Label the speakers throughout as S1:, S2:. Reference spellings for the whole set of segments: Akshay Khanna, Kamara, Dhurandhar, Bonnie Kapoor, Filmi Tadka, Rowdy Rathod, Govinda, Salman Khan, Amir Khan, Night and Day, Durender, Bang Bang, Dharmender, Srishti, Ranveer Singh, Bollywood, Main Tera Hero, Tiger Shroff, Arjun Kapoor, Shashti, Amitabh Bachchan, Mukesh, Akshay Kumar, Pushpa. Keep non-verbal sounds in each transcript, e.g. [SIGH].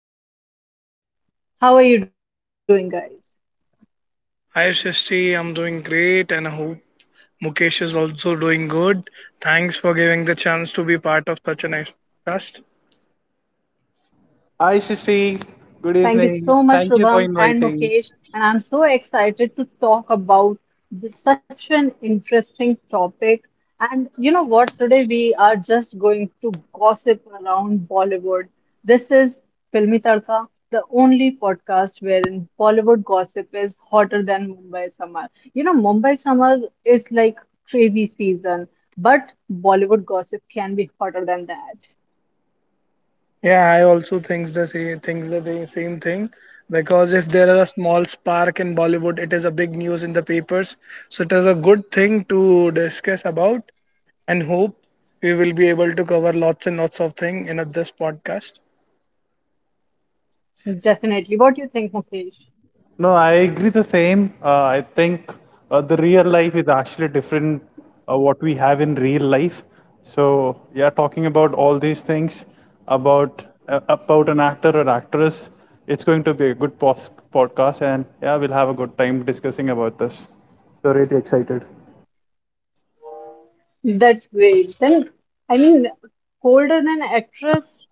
S1: podcast. How are you doing, guys?
S2: Hi Shashti, I'm doing great, and I hope Mukesh is also doing good. Thanks for giving the chance to be part of such a nice podcast.
S3: Hi, Srishti. Good
S1: Thank you
S3: evening.
S1: so much,
S3: Thank you for
S1: Shubham and
S3: inviting.
S1: Mukesh. And I'm so excited to talk about this, such an interesting topic. And you know what? Today we are just going to gossip around Bollywood. This is Filmi Tadka, the only podcast wherein Bollywood gossip is hotter than Mumbai summer. You know, Mumbai summer is like crazy season, but Bollywood gossip can be hotter than that.
S2: Yeah, I also think the same, thinks the same same thing because if there is a small spark in Bollywood, it is a big news in the papers. So it is a good thing to discuss about, and hope we will be able to cover lots and lots of things in this podcast.
S1: Definitely. What do you think, Mukesh?
S3: No, I agree the same. I think the real life is actually different what we have in real life. So, yeah, talking about all these things about an actor or actress, it's going to be a podcast, and yeah, we'll have a good time discussing about this. So, really excited.
S1: That's great. Then, I mean, colder than actress,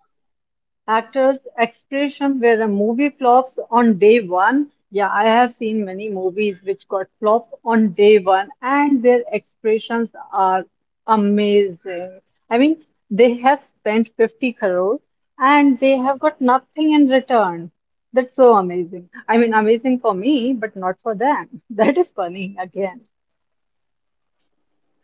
S1: actors' expression where a movie flops on day one. Yeah, I have seen many movies which got flopped on day one, and their expressions are amazing. I mean, they have spent 50 crore and they have got nothing in return. That's so amazing. I mean, amazing for me, but not for them. [LAUGHS] That is funny again.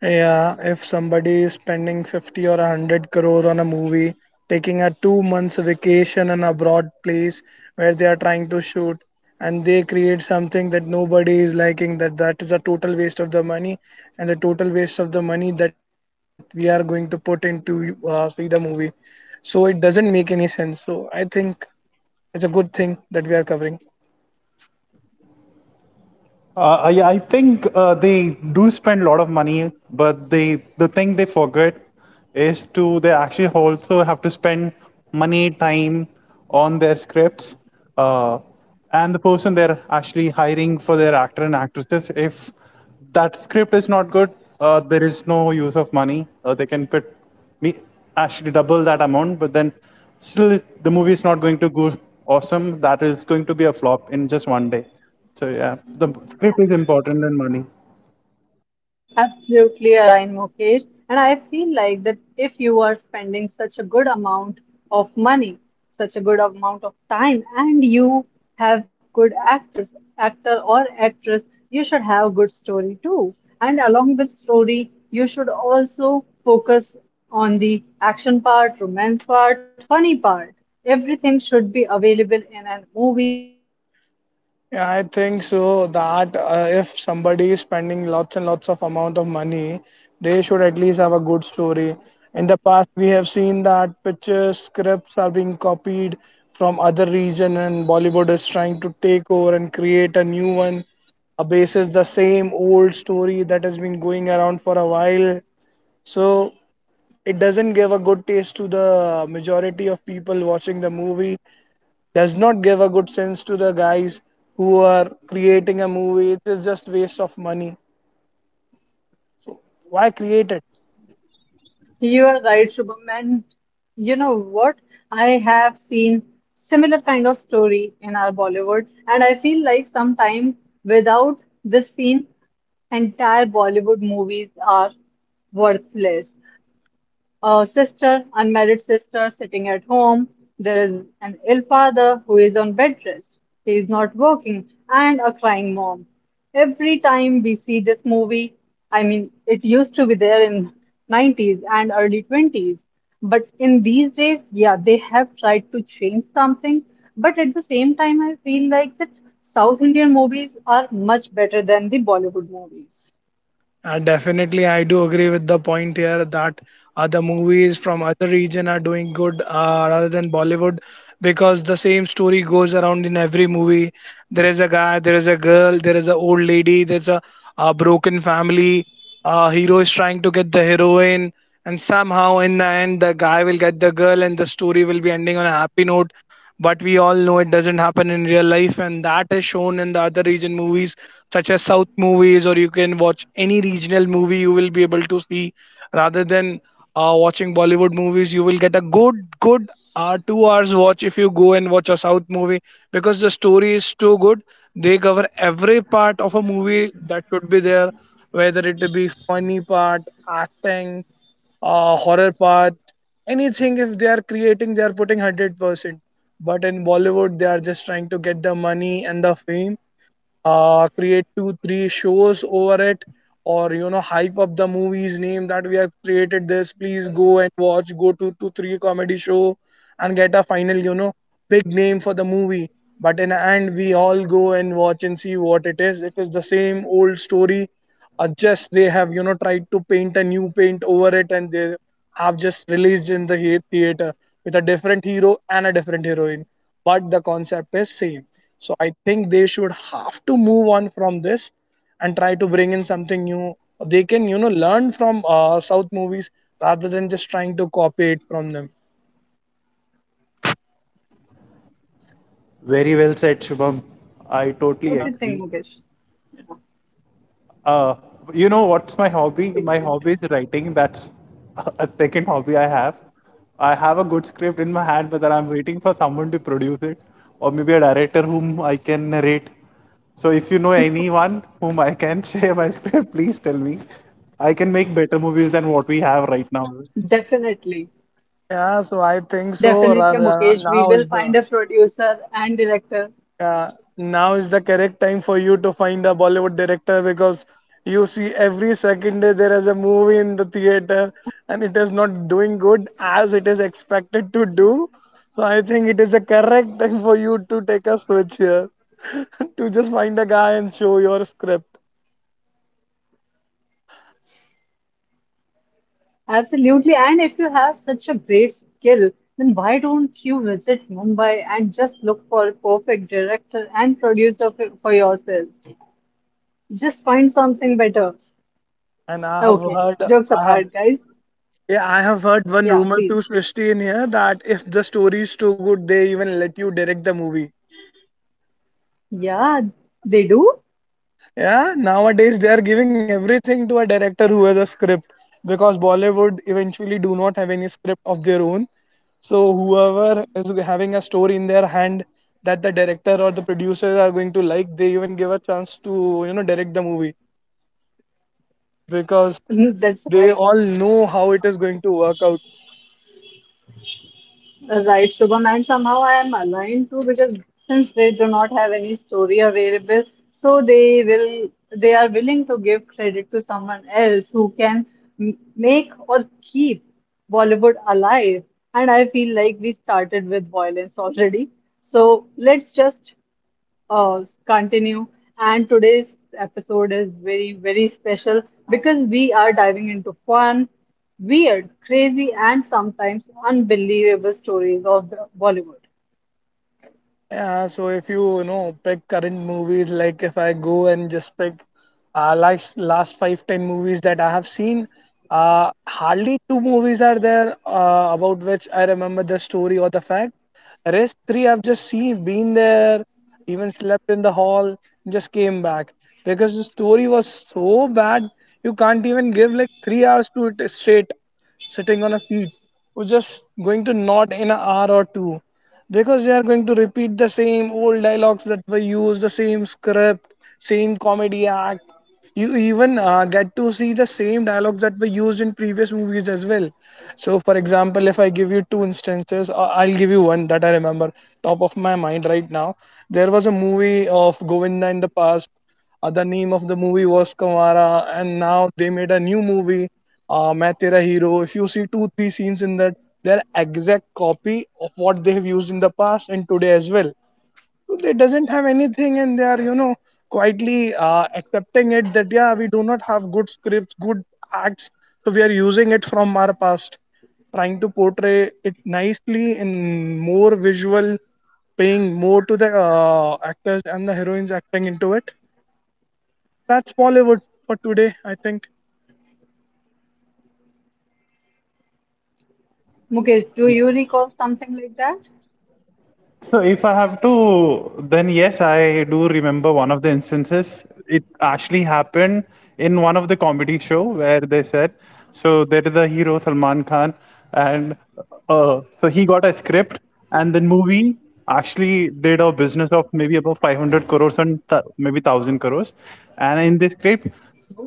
S2: Yeah, if somebody is spending 50 or 100 crore on a movie, taking a 2 months vacation in a broad place where they are trying to shoot, and they create something that nobody is liking, that is a total waste of the money, and the total waste of the money that we are going to put into see the movie. So it doesn't make any sense. So I think it's a good thing that we are covering.
S3: I think they do spend a lot of money, but the thing they forget is to they actually also have to spend money, time on their scripts, uh, and the person they're actually hiring for their actor and actresses. If that script is not good. There is no use of money. They can put me actually double that amount, but then still the movie is not going to go awesome. That is going to be a flop in just 1 day. So yeah, the script is important than money.
S1: Absolutely align, Mukesh. And I feel like that if you are spending such a good amount of money, such a good amount of time, and you have good actors, actor or actress, you should have good story too. And along with story, you should also focus on the action part, romance part, funny part. Everything should be available in a movie so people can
S2: Yeah, I
S1: get
S2: think so
S1: entertained at the
S2: that
S1: same time.
S2: if somebody is spending lots and lots of amount of money, they should at least have a good story. In the past, we have seen that pictures, scripts are being copied from other region, and Bollywood is trying to take over and create a new one. A basis the same old story that has been going around for a while. So it doesn't give a good taste to the majority of people watching the movie, does not give a good sense to the guys who are creating a movie. It is just waste of money. So why create it?
S1: You are right, Shubham. And you know what? I have seen similar kind of story in our Bollywood, and I feel like sometime without this scene, entire Bollywood movies are worthless. A sister, unmarried sister, sitting at home. There is an ill father who is on bed rest. He is not working, and a crying mom. Every time we see this movie, I mean, it used to be there in 90s and early 20s, but in these days, yeah, they have tried to change something. But at the same time, I feel like that South Indian movies are much better than the Bollywood movies.
S2: Definitely, I do agree with the point here that other movies from other region are doing good, rather than Bollywood because the same story goes around in every movie. There is a guy, there is a girl, there is an old lady, a broken family. A hero is trying to get the heroine, and somehow in the end, the guy will get the girl, and the story will be ending on a happy note. But we all know it doesn't happen in real life, and that is shown in the other region movies such as south movies, or you can watch any regional movie. You will be able to see, rather than watching Bollywood movies, you will get a good 2 hours watch if you go and watch a south movie because the story is too good. They cover every part of a movie that should be there, whether it be funny part, acting, horror part, anything. If they are creating, they are putting 100%. But in Bollywood, they are just trying to get the money and the fame, create two three shows over it, or you know, hype up the movie's name that we have created this, please go and watch, go to two three comedy show and get a final, you know, big name for the movie. But in the end, we all go and watch and see what it is. It is the same old story, just they have, you know, tried to paint a new paint over it, and they have just released in the theater with a different hero and a different heroine, but the concept is same. So I think they should have to move on from this and try to bring in something new. They can, you know, learn from South movies rather than just trying to copy it from them.
S3: Very well said, Shubham. I
S1: What do you
S3: totally
S1: think,
S3: agree.
S1: Mukesh? Yeah,
S3: Uh, you know what's my hobby?
S1: please
S3: My
S1: go.
S3: hobby is writing. That's a second hobby I have. I have a good script in my hand, but then I'm waiting for someone to produce it, or maybe a director whom I can narrate. So if you know anyone whom I can [LAUGHS] share my script, please tell me. I can make better movies than what we have right now.
S1: Definitely.
S2: Yeah, so I think so. Ra-
S1: Definitely,
S2: ra-
S1: Mukesh. We
S2: Now
S1: will
S2: is the
S1: find a producer and director.
S2: Yeah, now is the correct time for you to find a Bollywood director because you see every second day there is a movie in the theater, and it is not doing good as it is expected to do. So I think it is the correct time for you to take a switch here [LAUGHS] to just find a guy and show your script.
S1: Absolutely. And if you have such a great skill, then why don't you visit Mumbai and just look for a perfect director and producer for yourself? Just find something better.
S2: And I have
S1: Okay.
S2: heard,
S1: Jokes
S2: I have,
S1: apart, guys.
S2: yeah, I have heard one
S1: Yeah,
S2: rumor
S1: please.
S2: to Swishti in here that if the story is too good, they even let you direct the movie.
S1: Yeah, they do.
S2: Yeah, nowadays they are giving everything to a director who has a script because Bollywood eventually do not have any script of their own. So whoever is having a story in their hand that the director or the producers are going to like, they even give a chance to, you know, direct the movie
S1: [LAUGHS]
S2: because
S1: That's why.
S2: they all know how it is going to work out.
S1: Right, Shubham, and somehow I am aligned too because since they do not have any story available, so they are willing to give credit to someone else who can make or keep Bollywood alive. And I feel like we started with violence already. So let's just continue. And today's episode is very, very special because we are diving into fun, weird, crazy, and sometimes unbelievable stories of Bollywood.
S2: Yeah, so if you, you know, pick current movies, like if I go and just pick last 5-10 movies that I have seen, hardly two movies are there about which I remember the story or the fact. Rest three I've just seen, been there, even slept in the hall, just came back because the story was so bad, you can't even give like 3 hours to it straight sitting on a seat. We're just going to nod in an hour or two because they are going to repeat the same old dialogues that were used, the same script, same comedy act. You even get to see the same dialogues that were used in previous movies as well. So for example, if I give you two instances, I'll give you one that I remember top of my mind right now. There was a movie of Govinda in the past, the name of the movie was Kamara, and now they made a new movie, Main Tera Hero. If you see two, three scenes in that, they're exact copy of what they've used in the past and today as well. So they doesn't have anything, and they are, you know, quietly accepting it that yeah, we do not have good scripts, good acts, so we are using it from our past, trying to portray it nicely in more visual, paying more to the actors and the heroines acting into it. That's Bollywood for today, I think.
S1: Mukesh, do you recall something like that?
S3: So if I have to, then yes, I do remember one of the instances. It actually happened in one of the comedy show where they said, so there is a hero Salman Khan, and so he got a script, and the movie actually did a business of maybe about 500 crores and maybe 1000 crores, and in this script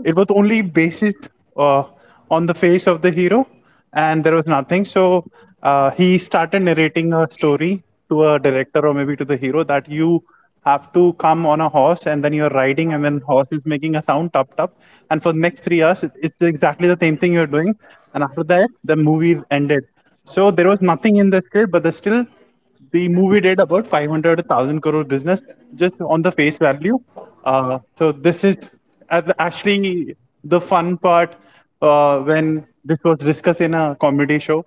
S3: it was only basis uh, on the face of the hero, and there was nothing. So he started narrating a story to a director or maybe to the hero that you have to come on a horse and then you're riding, and then horse is making a sound top top, and for the next 3 hours it's exactly the same thing you're doing, and after that the movie is ended. So there was nothing in the script, but there's still the movie did about 500,000 crore business just on the face value. So this is actually the fun part when this was discussed in a comedy show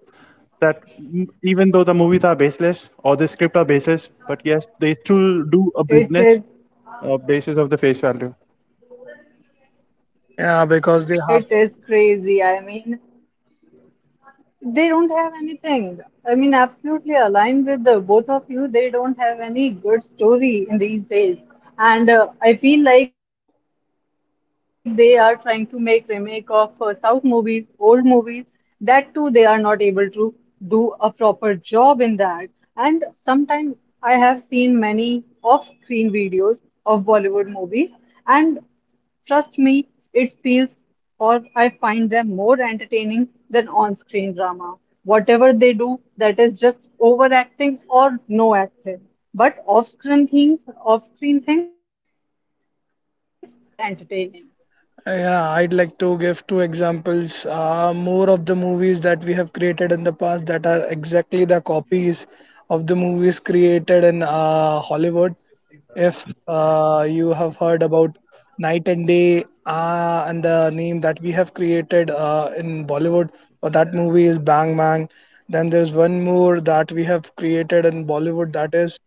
S3: that even though the movies are baseless or the script are baseless, but yes, they still do
S1: It
S3: a
S1: is,
S3: business basis of the face value.
S2: Yeah, because they have
S1: it is crazy. I mean, they don't have anything. I mean, absolutely aligned with the both of you. They don't have any good story in these days. And I feel like they are trying to make remake of South movies, old movies. That too, they are not able to do a proper job in that. And sometimes I have seen many off-screen videos of Bollywood movies. And trust me, it feels, or I find them more entertaining than on-screen drama. Whatever they do, that is just overacting or no acting. But off-screen things are more entertaining.
S2: Yeah, I'd like to give two examples. More of the movies that we have created in the past that are exactly the copies of the movies created in Hollywood. If you have heard about Night and Day, and the name that we have created in Bollywood for that movie is Bang Bang. Then there's one more that we have created in Bollywood that is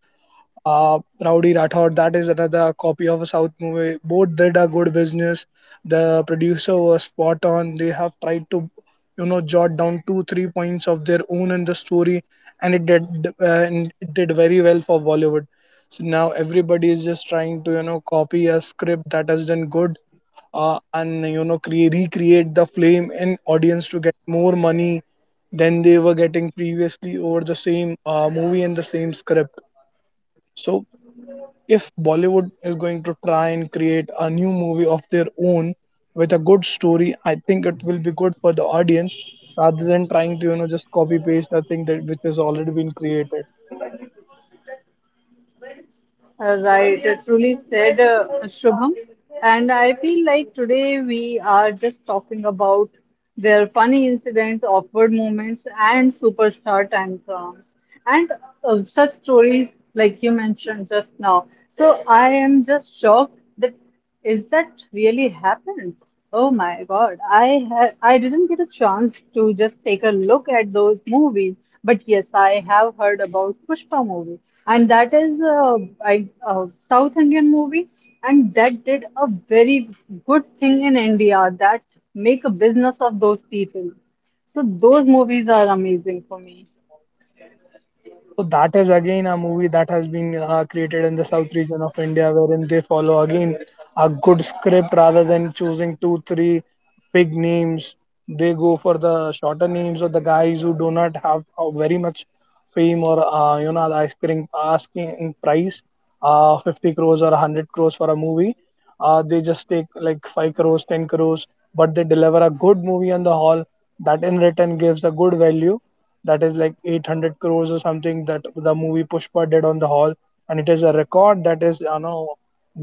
S2: uh, Rowdy Rathod. That is another copy of a South movie. Both did a good business. The producer was spot on. They have tried to, you know, jot down two, three points of their own in the story, and it did very well for Bollywood. So now everybody is just trying to, you know, copy a script that has done good, and you know, create recreate the flame in audience to get more money than they were getting previously over the same movie and the same script. So if Bollywood is going to try and create a new movie of their own with a good story, I think it will be good for the audience rather than trying to, you know, just copy paste the thing that which has already been created.
S1: Right, truly said, Shubham. And I feel like today we are just talking about their funny incidents, awkward moments, and superstar tantrums, and such stories like you mentioned just now. So I am just shocked that is that really happened? Oh my God, I didn't get a chance to just take a look at those movies, but yes, I have heard about Pushpa movie, and that is South Indian movie, and that did a very good thing in India that make a business of those people. So those movies are amazing for me.
S2: So that is again a movie that has been created in the south region of India, wherein they follow again a good script rather than choosing two, three big names. They go for the shorter names or the guys who do not have very much fame or you know, the asking price, 50 crores or 100 crores for a movie. They just take like 5 crores, 10 crores, but they deliver a good movie on the hall that in return gives a good value that is like 800 crores or something that the movie Pushpa did on the hall, and it is a record that is, you know,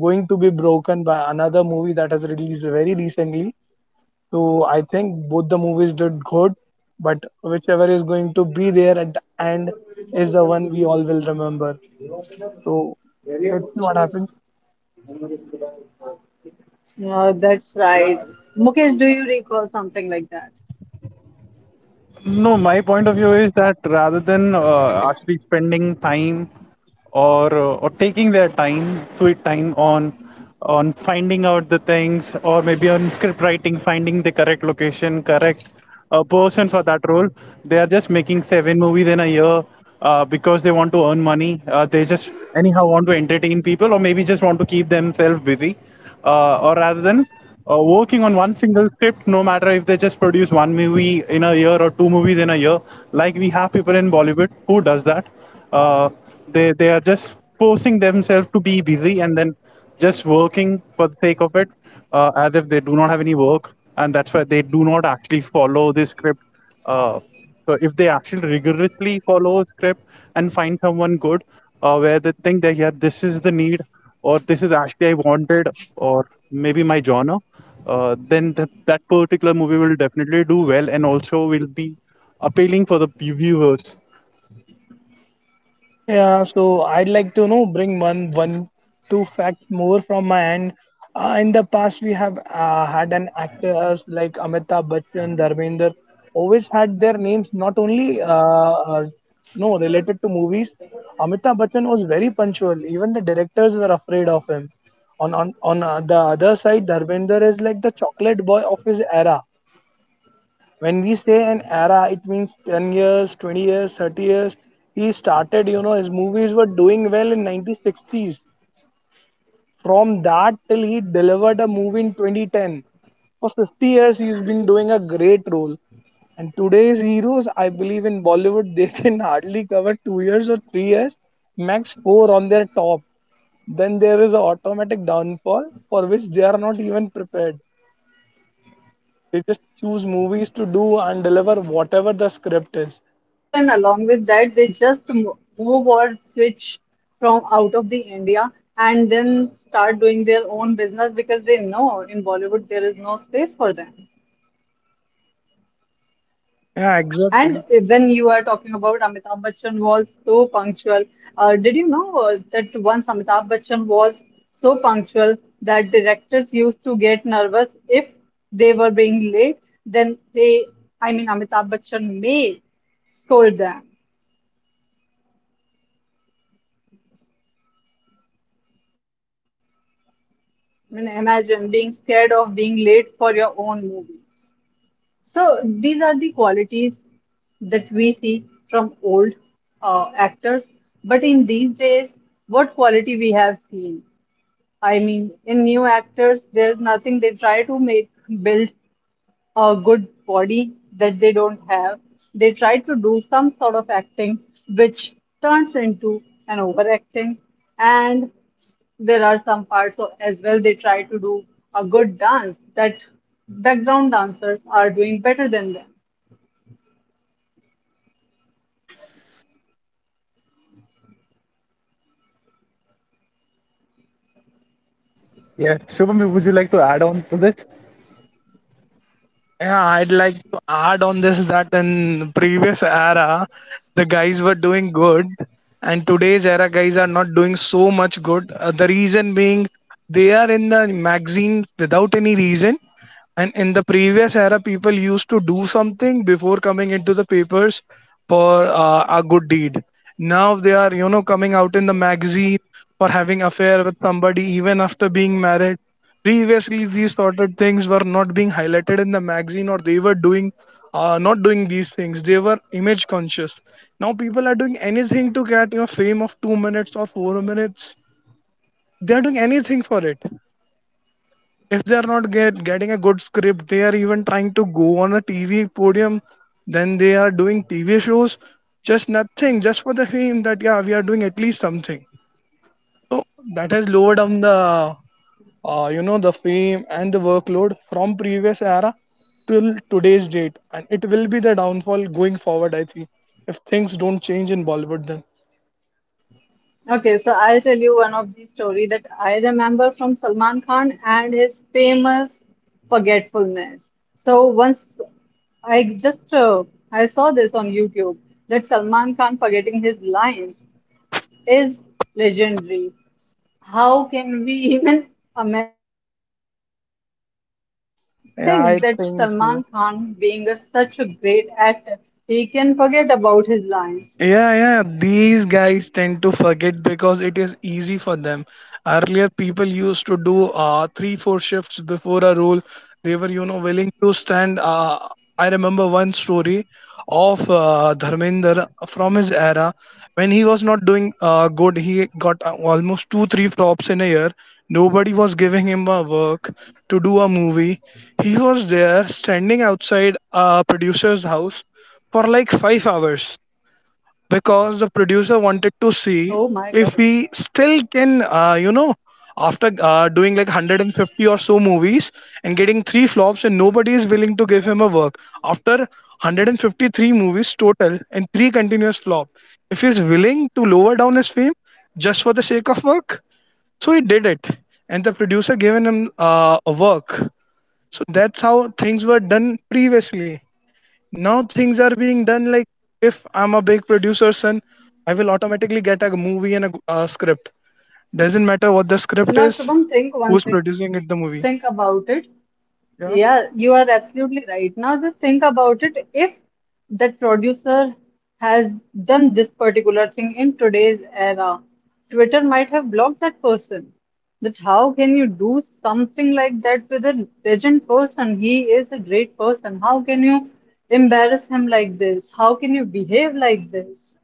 S2: going to be broken by another movie that has released very recently. So I think both the movies did good, but whichever is going to be there at the end is the one we all will remember. So let's see what happens.
S1: That's right. Mukesh, do you recall something like that?
S3: No, my point of view is that rather than actually spending time or taking their time, sweet time on finding out the things or maybe on script writing, finding the correct location, correct person for that role, they are just making 7 movies in a year because they want to earn money. They just anyhow want to entertain people or maybe just want to keep themselves busy or rather than working on one single script, no matter if they just produce 1 movie in a year or 2 movies in a year, like we have people in Bollywood who does that. Uh, they are just forcing themselves to be busy and then just working for the sake of it, as if they do not have any work, and that's why they do not actually follow the script. Uh, so if they actually rigorously follow a script and find someone good, where they think that yeah, this is the need, or this is actually I wanted, or maybe my genre, then that particular movie will definitely do well and also will be appealing for the viewers.
S2: Yeah, so I'd like to know bring one one two facts more from my end. In the past, we have had an actors like Amitabh Bachchan, Dharmender, always had their names not only no related to movies. Amitabh Bachchan was very punctual. Even the directors were afraid of him. On the other side, Dharmender is like the chocolate boy of his era. When we say an era, it means 10
S1: Right.
S2: years, 20 years, 30 years. He started, you know, his movies were doing well in 1960s. From that till he delivered a movie in 2010, for 50 years he's been doing a great role. And today's heroes, I believe, in Bollywood [LAUGHS] they can hardly cover 2 years or 3 years, max 4 on their top. Then there is an automatic downfall for which they are not even prepared. They just choose movies to do
S1: Automatic
S2: and deliver
S1: downfall, and
S2: whatever the
S1: along with
S2: script
S1: that,
S2: is.
S1: they just move or switch from out of the India and then start doing their own business because they know in Bollywood there is no space for them. And
S2: Yeah,
S1: when
S2: exactly.
S1: you are talking about Amitabh Bachchan was so punctual, did you know that once Amitabh Bachchan was so punctual that directors used to get nervous if they were being late, then they, I mean, Amitabh Bachchan may scold them. I mean, imagine being scared of being late for your own movie. So these are the qualities that we see from old actors. But in these days, what quality we have seen? I mean, in new actors, there's nothing. They try to make build a good body that they don't have. They try to do some sort of acting, which turns into an overacting. And there are some parts of, as well they try to do a good dance that background dancers are doing better than them.
S3: Yeah, Shubham, would you like to add on to this?
S2: Yeah, I'd like to add on this that in previous era, the guys were doing good, and today's era guys are not doing so much good. The reason being they are in the magazine without any reason, and in the previous era, people used to do something before coming into the papers for a good deed. Now they are, you know, coming out in the magazine for having affair with somebody even after being married. Previously these sort of things were not being highlighted in the magazine, or they were doing not doing these things. They were image conscious. Now people are doing anything to get, you know, fame of 2 minutes or 4 minutes. They are doing anything for it. If they are not getting a good script, they are even trying to go on a TV podium. Then they are doing TV shows, just nothing, just for the fame, that, yeah, we are doing at least something. So that has lowered down the you know, the fame and the workload from previous era till today's date. And it will be the downfall going forward, I think, if things don't change in Bollywood. Then
S1: Okay, so I'll tell you one of the story that I remember from Salman Khan and his famous forgetfulness. So once I just I saw this on YouTube that Salman Khan forgetting his lines is legendary. How can we even ama- think that Salman
S2: yeah, I
S1: Khan, being
S2: think so.
S1: such a great actor, he can forget about his lines?
S2: Yeah, yeah, these guys tend to
S1: And
S2: forget because it is easy for them. Earlier, people used to do three, four shifts before a role. They were, you know, willing to stand. I remember one story of Dharmender from his era when he was not doing good. He got almost two, three flops in a year. Nobody was giving him a work to do a movie. He was there standing outside a producer's house for like 5 hours because the producer wanted to
S1: oh my
S2: see
S1: God,
S2: if we still can, you know, after doing like 150 or so movies and getting three flops and nobody is willing to give him a work, after 153 movies total and three continuous flop, if he's willing to lower down his fame just for the sake of work. So he did it, and the producer given him a work. So that's how things were done previously. Now things are being done like, if I'm a big producer son, I will automatically get a movie and a script. Doesn't matter what the
S1: so
S2: script
S1: now
S2: is,
S1: Shubham, think one
S2: who's
S1: thing,
S2: producing it, the movie.
S1: think about it.
S2: Yeah.
S1: Yeah, you are absolutely right. Now, just think about it. If that producer has done this particular thing in today's era, Twitter might have blocked that person. That how can you do something like that with a legend person? He is a great person. How can you embarrass him like this? How can you behave like this?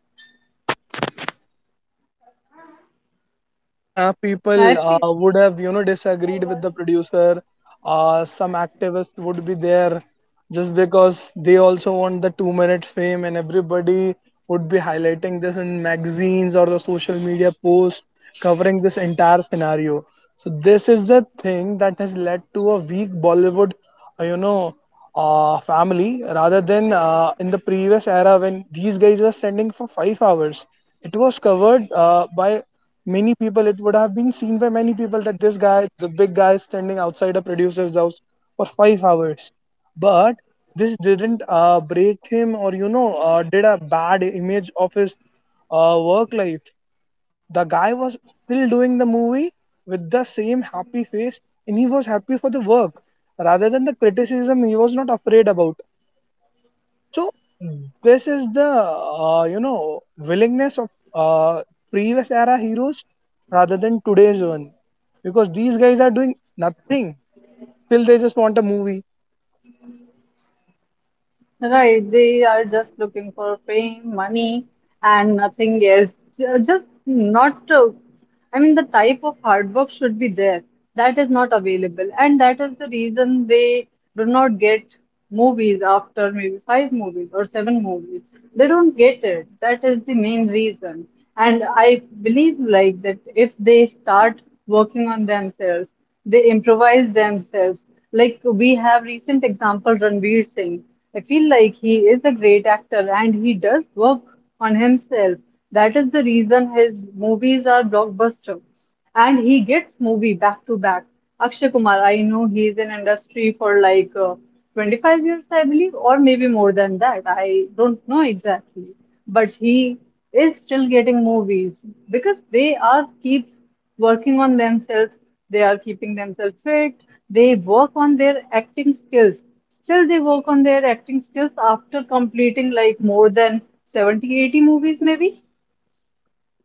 S2: Yeah, people
S1: I feel.
S2: would have, you know, disagreed with the producer. Some activists would be there just because they also want the 2 minute fame, and everybody would be highlighting this in magazines or the social media posts, covering this entire scenario. So, this is the thing that has led to a weak Bollywood, you know, family, rather than in the previous era when these guys were standing for 5 hours. It was covered by many people. It would have been seen by many people that this guy, the big guy, is standing outside a producer's house for 5 hours. But this didn't break him, or, you know, did a bad image of his work life. The guy was still doing the movie with the same happy face, and he was happy for the work rather than the criticism. He was not afraid about. So this is the you know, willingness of previous era heroes rather than today's one, because these guys are doing nothing till they just want a movie.
S1: Right, they are just looking for fame, money, and nothing else. Just not, I mean, the type of hard work should be there. That is not available. And that is the reason they do not get movies after maybe five movies or seven movies. They don't get it. That is the main reason. And I believe, like, that if they start working on themselves, they improvise themselves. Like, we have recent example Ranveer Singh. I feel like he is a great actor and he does work on himself. That is the reason his movies are blockbuster. And he gets movie back to back. Akshay Kumar, I know he is in industry for like 25 years, I believe, or maybe more than that. I don't know exactly. But he is still getting movies because they are keep working on themselves. They are keeping themselves fit. They work on their acting skills. Still, they work on their acting skills after completing like more than 70 80 movies maybe.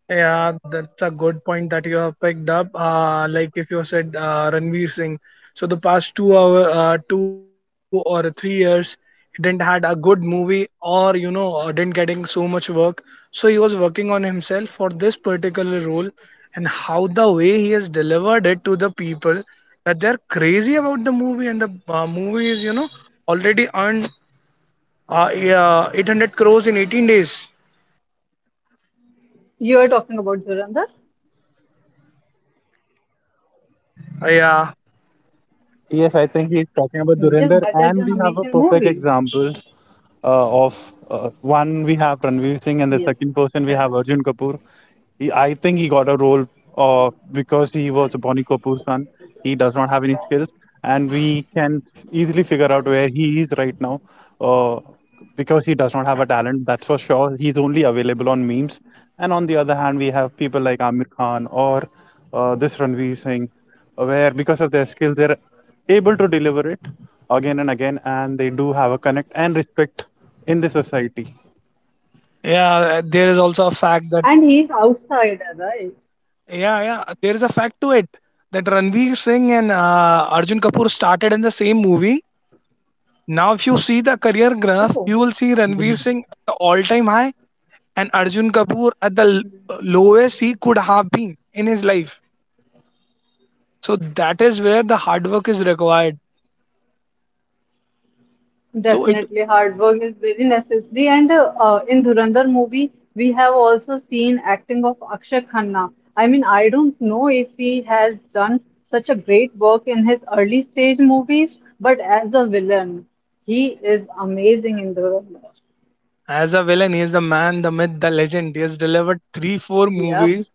S2: Yeah, that's a good point that you have picked up. Like if you said Ranveer Singh, so the past 2 hour, 2 or 3 years, he didn't had a good movie, or you know didn't getting so much work. So he was working on himself for this particular role, and how the way he has delivered it to the people, that they're crazy about the movie. And the movie is, you know, already earned, yeah, 800 crores in 18 days.
S1: You are talking about Dhurandhar?
S2: Yeah.
S3: Yes, I think he's
S1: Yes,
S3: talking about
S1: that is an
S3: Durender, and
S1: amazing
S3: we have a
S1: movie.
S3: perfect examples of one we have Ranveer Singh,
S1: Yes.
S3: and the second person we have Arjun Kapoor. I think he got a role because he was a Bonnie Kapoor son. He does not have any skills, and we can easily figure out where he is right now uh, because he does not have a talent. That's for sure. He's only available on memes. And on the other hand, we have people like Amir Khan or this Ranveer Singh, where because of their skills, they're able to deliver it again and again, and they do have a connect and respect in the society.
S2: Yeah, there is also a
S1: And
S2: fact
S1: he is
S2: that
S1: outsider, right?
S2: yeah, yeah, there is a fact to it that Ranveer Singh and Arjun Kapoor started in the same movie. Now, if you see the career graph,
S1: Oh.
S2: you will see Ranveer Singh at the all-time high and Arjun Kapoor at the lowest he could have been in his life. So that is where the hard work is required. So it,
S1: Definitely, hard work is very necessary. And in Dhurandhar movie, we have also seen acting of Akshay Khanna. I mean, I don't know if he has done such a great work in his early stage movies, but as the villain, he is amazing in Dhurandhar.
S2: as a villain, he is the man, the myth, the legend. He has delivered three, four
S1: Yep,
S2: movies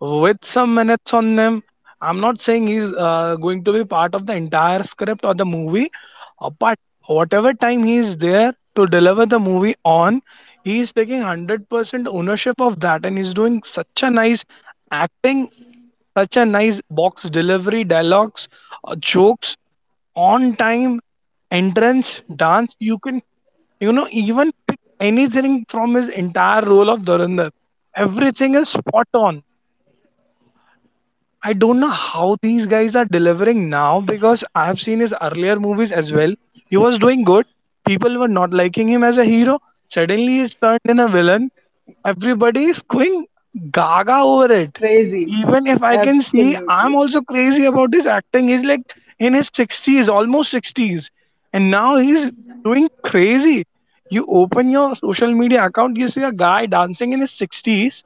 S2: with some minutes on him. I'm not saying he's going to be part of the entire script or the movie, but whatever time he is there to deliver the movie on, he is taking 100% ownership of that, and he's doing such a nice acting, such a nice box delivery, dialogues, jokes, on time, entrance, dance. You can, you know, even pick anything from his entire role of Dhurandhar. Everything is spot on. I don't know how these guys are delivering now, because I've seen his earlier movies as well. He was doing good. People were not liking him as a hero. Suddenly he's turned in a villain. Everybody is going gaga over it.
S1: crazy.
S2: Even if I can see, I'm
S1: Absolutely.
S2: also crazy about his acting. He's like in his 60s, almost 60s. And now he's doing crazy. You open your social media account, you see a guy dancing in his 60s,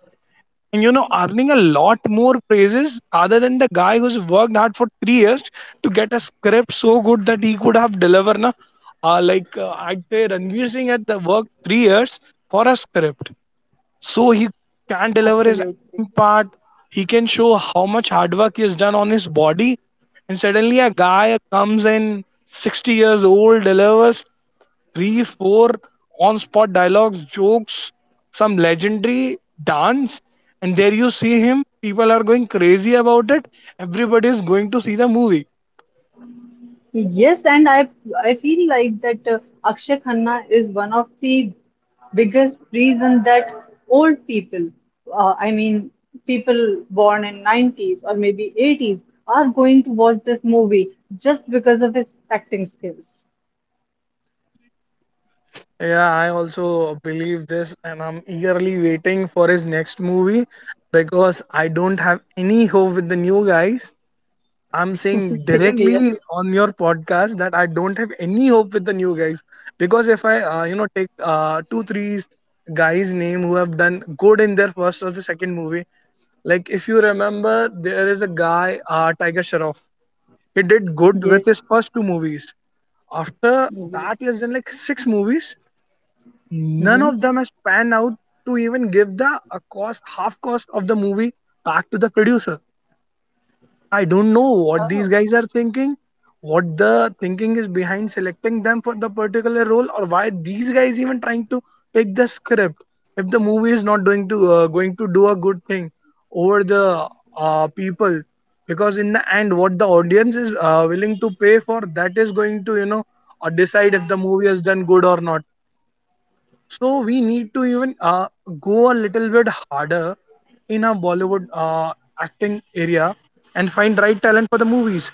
S2: and you know, earning a lot more praises other than the guy who's worked hard for 3 years to get a script so good that he could have delivered na. I'd say Ranveer Singh at the work 3 years for a script, so he can deliver his
S1: Absolutely.
S2: part. He can show how much hard work he has done on his body. And suddenly a guy comes in, 60 years old, delivers three, four on spot dialogues, jokes, some legendary dance. And there you see him. People are going crazy about it. Everybody is going to see the movie.
S1: Yes, and I feel like that Akshay Khanna is one of the biggest reason that old people, I mean people born in 90s or maybe 80s are going to watch this movie just because of his acting skills.
S2: Yeah, I also believe this, and I'm eagerly waiting for his next movie because I don't have any hope with the new guys. I'm
S1: [LAUGHS]
S2: saying
S1: Same here.
S2: directly on your podcast that I don't have any hope with the new guys, because if I you know, take 2 3 guys name who have done good in their first or the second movie. Like if you remember, there is a guy Tiger Shroff. He did good with
S1: Yes.
S2: his first two movies. After that,
S1: Yes.
S2: he has done like six movies. None
S1: Hmm.
S2: of them has panned out to even give the a cost, half cost of the movie back to the producer. I don't know what these
S1: Oh.
S2: guys are thinking, what the thinking is behind selecting them for the particular role, or why these guys even trying to take the script if the movie is not going to do a good thing over the people. Because in the end, what the audience is willing to pay for, that is going to, you know, decide if the movie has done good or not. So we need to even go a little bit harder in our Bollywood acting area and find right talent for the movies.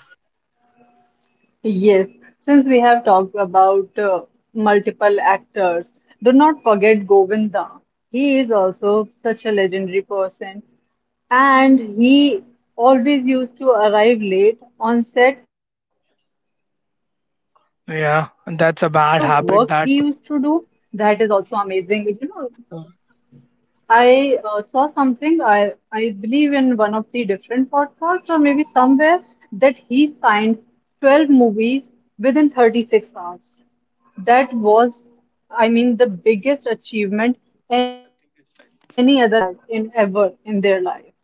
S1: Yes, since we have talked about multiple actors, do not forget Govinda. He is also such a legendary person, and he always used to arrive late on set. But the kind of work he used to
S2: Yeah,
S1: do,
S2: and that's a
S1: that
S2: bad
S1: is also
S2: habit that
S1: amazing. You know,
S2: uh,
S1: I saw something, I believe in one of the different podcasts or maybe somewhere, that he signed 12 movies within 36 hours. That was, I mean, the biggest achievement any other actor had in ever in their life.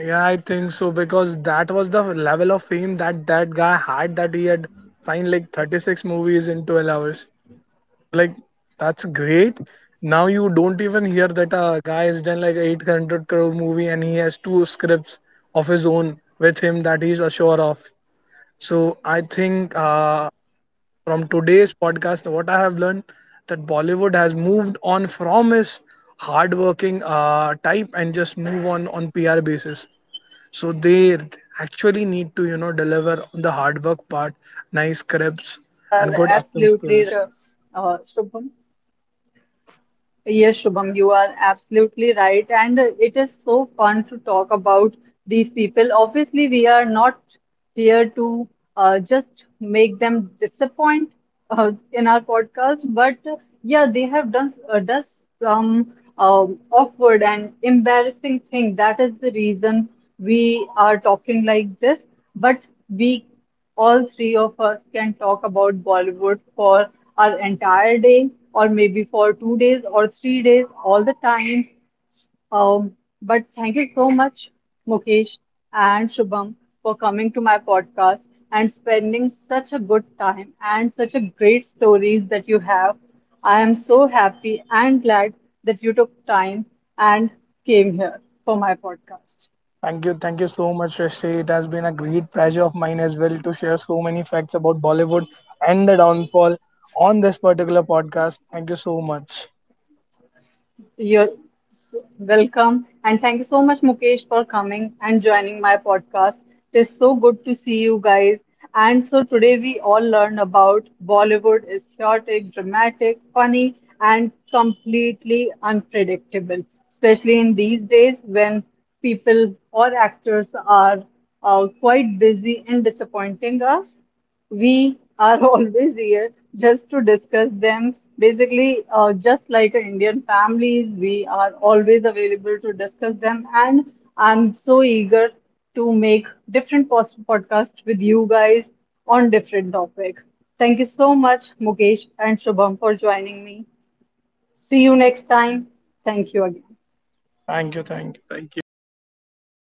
S2: yeah, I think so, because that was the level of fame that that guy had, that he had signed like 36 movies in 12 hours. Like, that's great. Now you don't even hear that a guy has done like 800 crore movie and he has two scripts of his own with him that he's assured of. So I think from today's podcast, what I have learned that Bollywood has moved on from its hardworking type and just move on PR basis. So they actually need to, you know, deliver on the hard work part, nice scripts,
S1: You
S2: and
S1: are
S2: good acting
S1: absolutely
S2: skills.
S1: right, Shubham. Yes, Shubham, you are absolutely right. And it is so fun to talk about these people. Obviously, we are not here to just make them disappoint in our podcast, but yeah, they have done does some awkward and embarrassing thing. That is the reason we are talking like this. But we all three of us can talk about Bollywood for our entire day, or maybe for 2 days or 3 days, all the time. Um, but thank you so much, Mukesh and Shubham, for coming to my podcast and spending such a good time and such a great stories that you have. I am so happy and glad that you took time and came here for my podcast.
S2: Thank you so much, Srishti. It has been a great pleasure of mine as well to share so many facts about Bollywood and the downfall on this particular podcast. Thank you so much.
S1: You're welcome. And thank you so much, Mukesh, for coming and joining my podcast. It is so good to see you guys. And so today we all learned about Bollywood is chaotic, dramatic, funny, and completely unpredictable, especially in these days when people or actors are quite busy and disappointing us. We are [LAUGHS] always here just to discuss them. Basically, just like a Indian families, we are always available to discuss them. And I'm so eager to make different post podcasts with you guys on different topic. Thank you so much, Mukesh and Shubham, for joining me. See you next time. Thank you again.
S2: Thank you, thank you, thank you.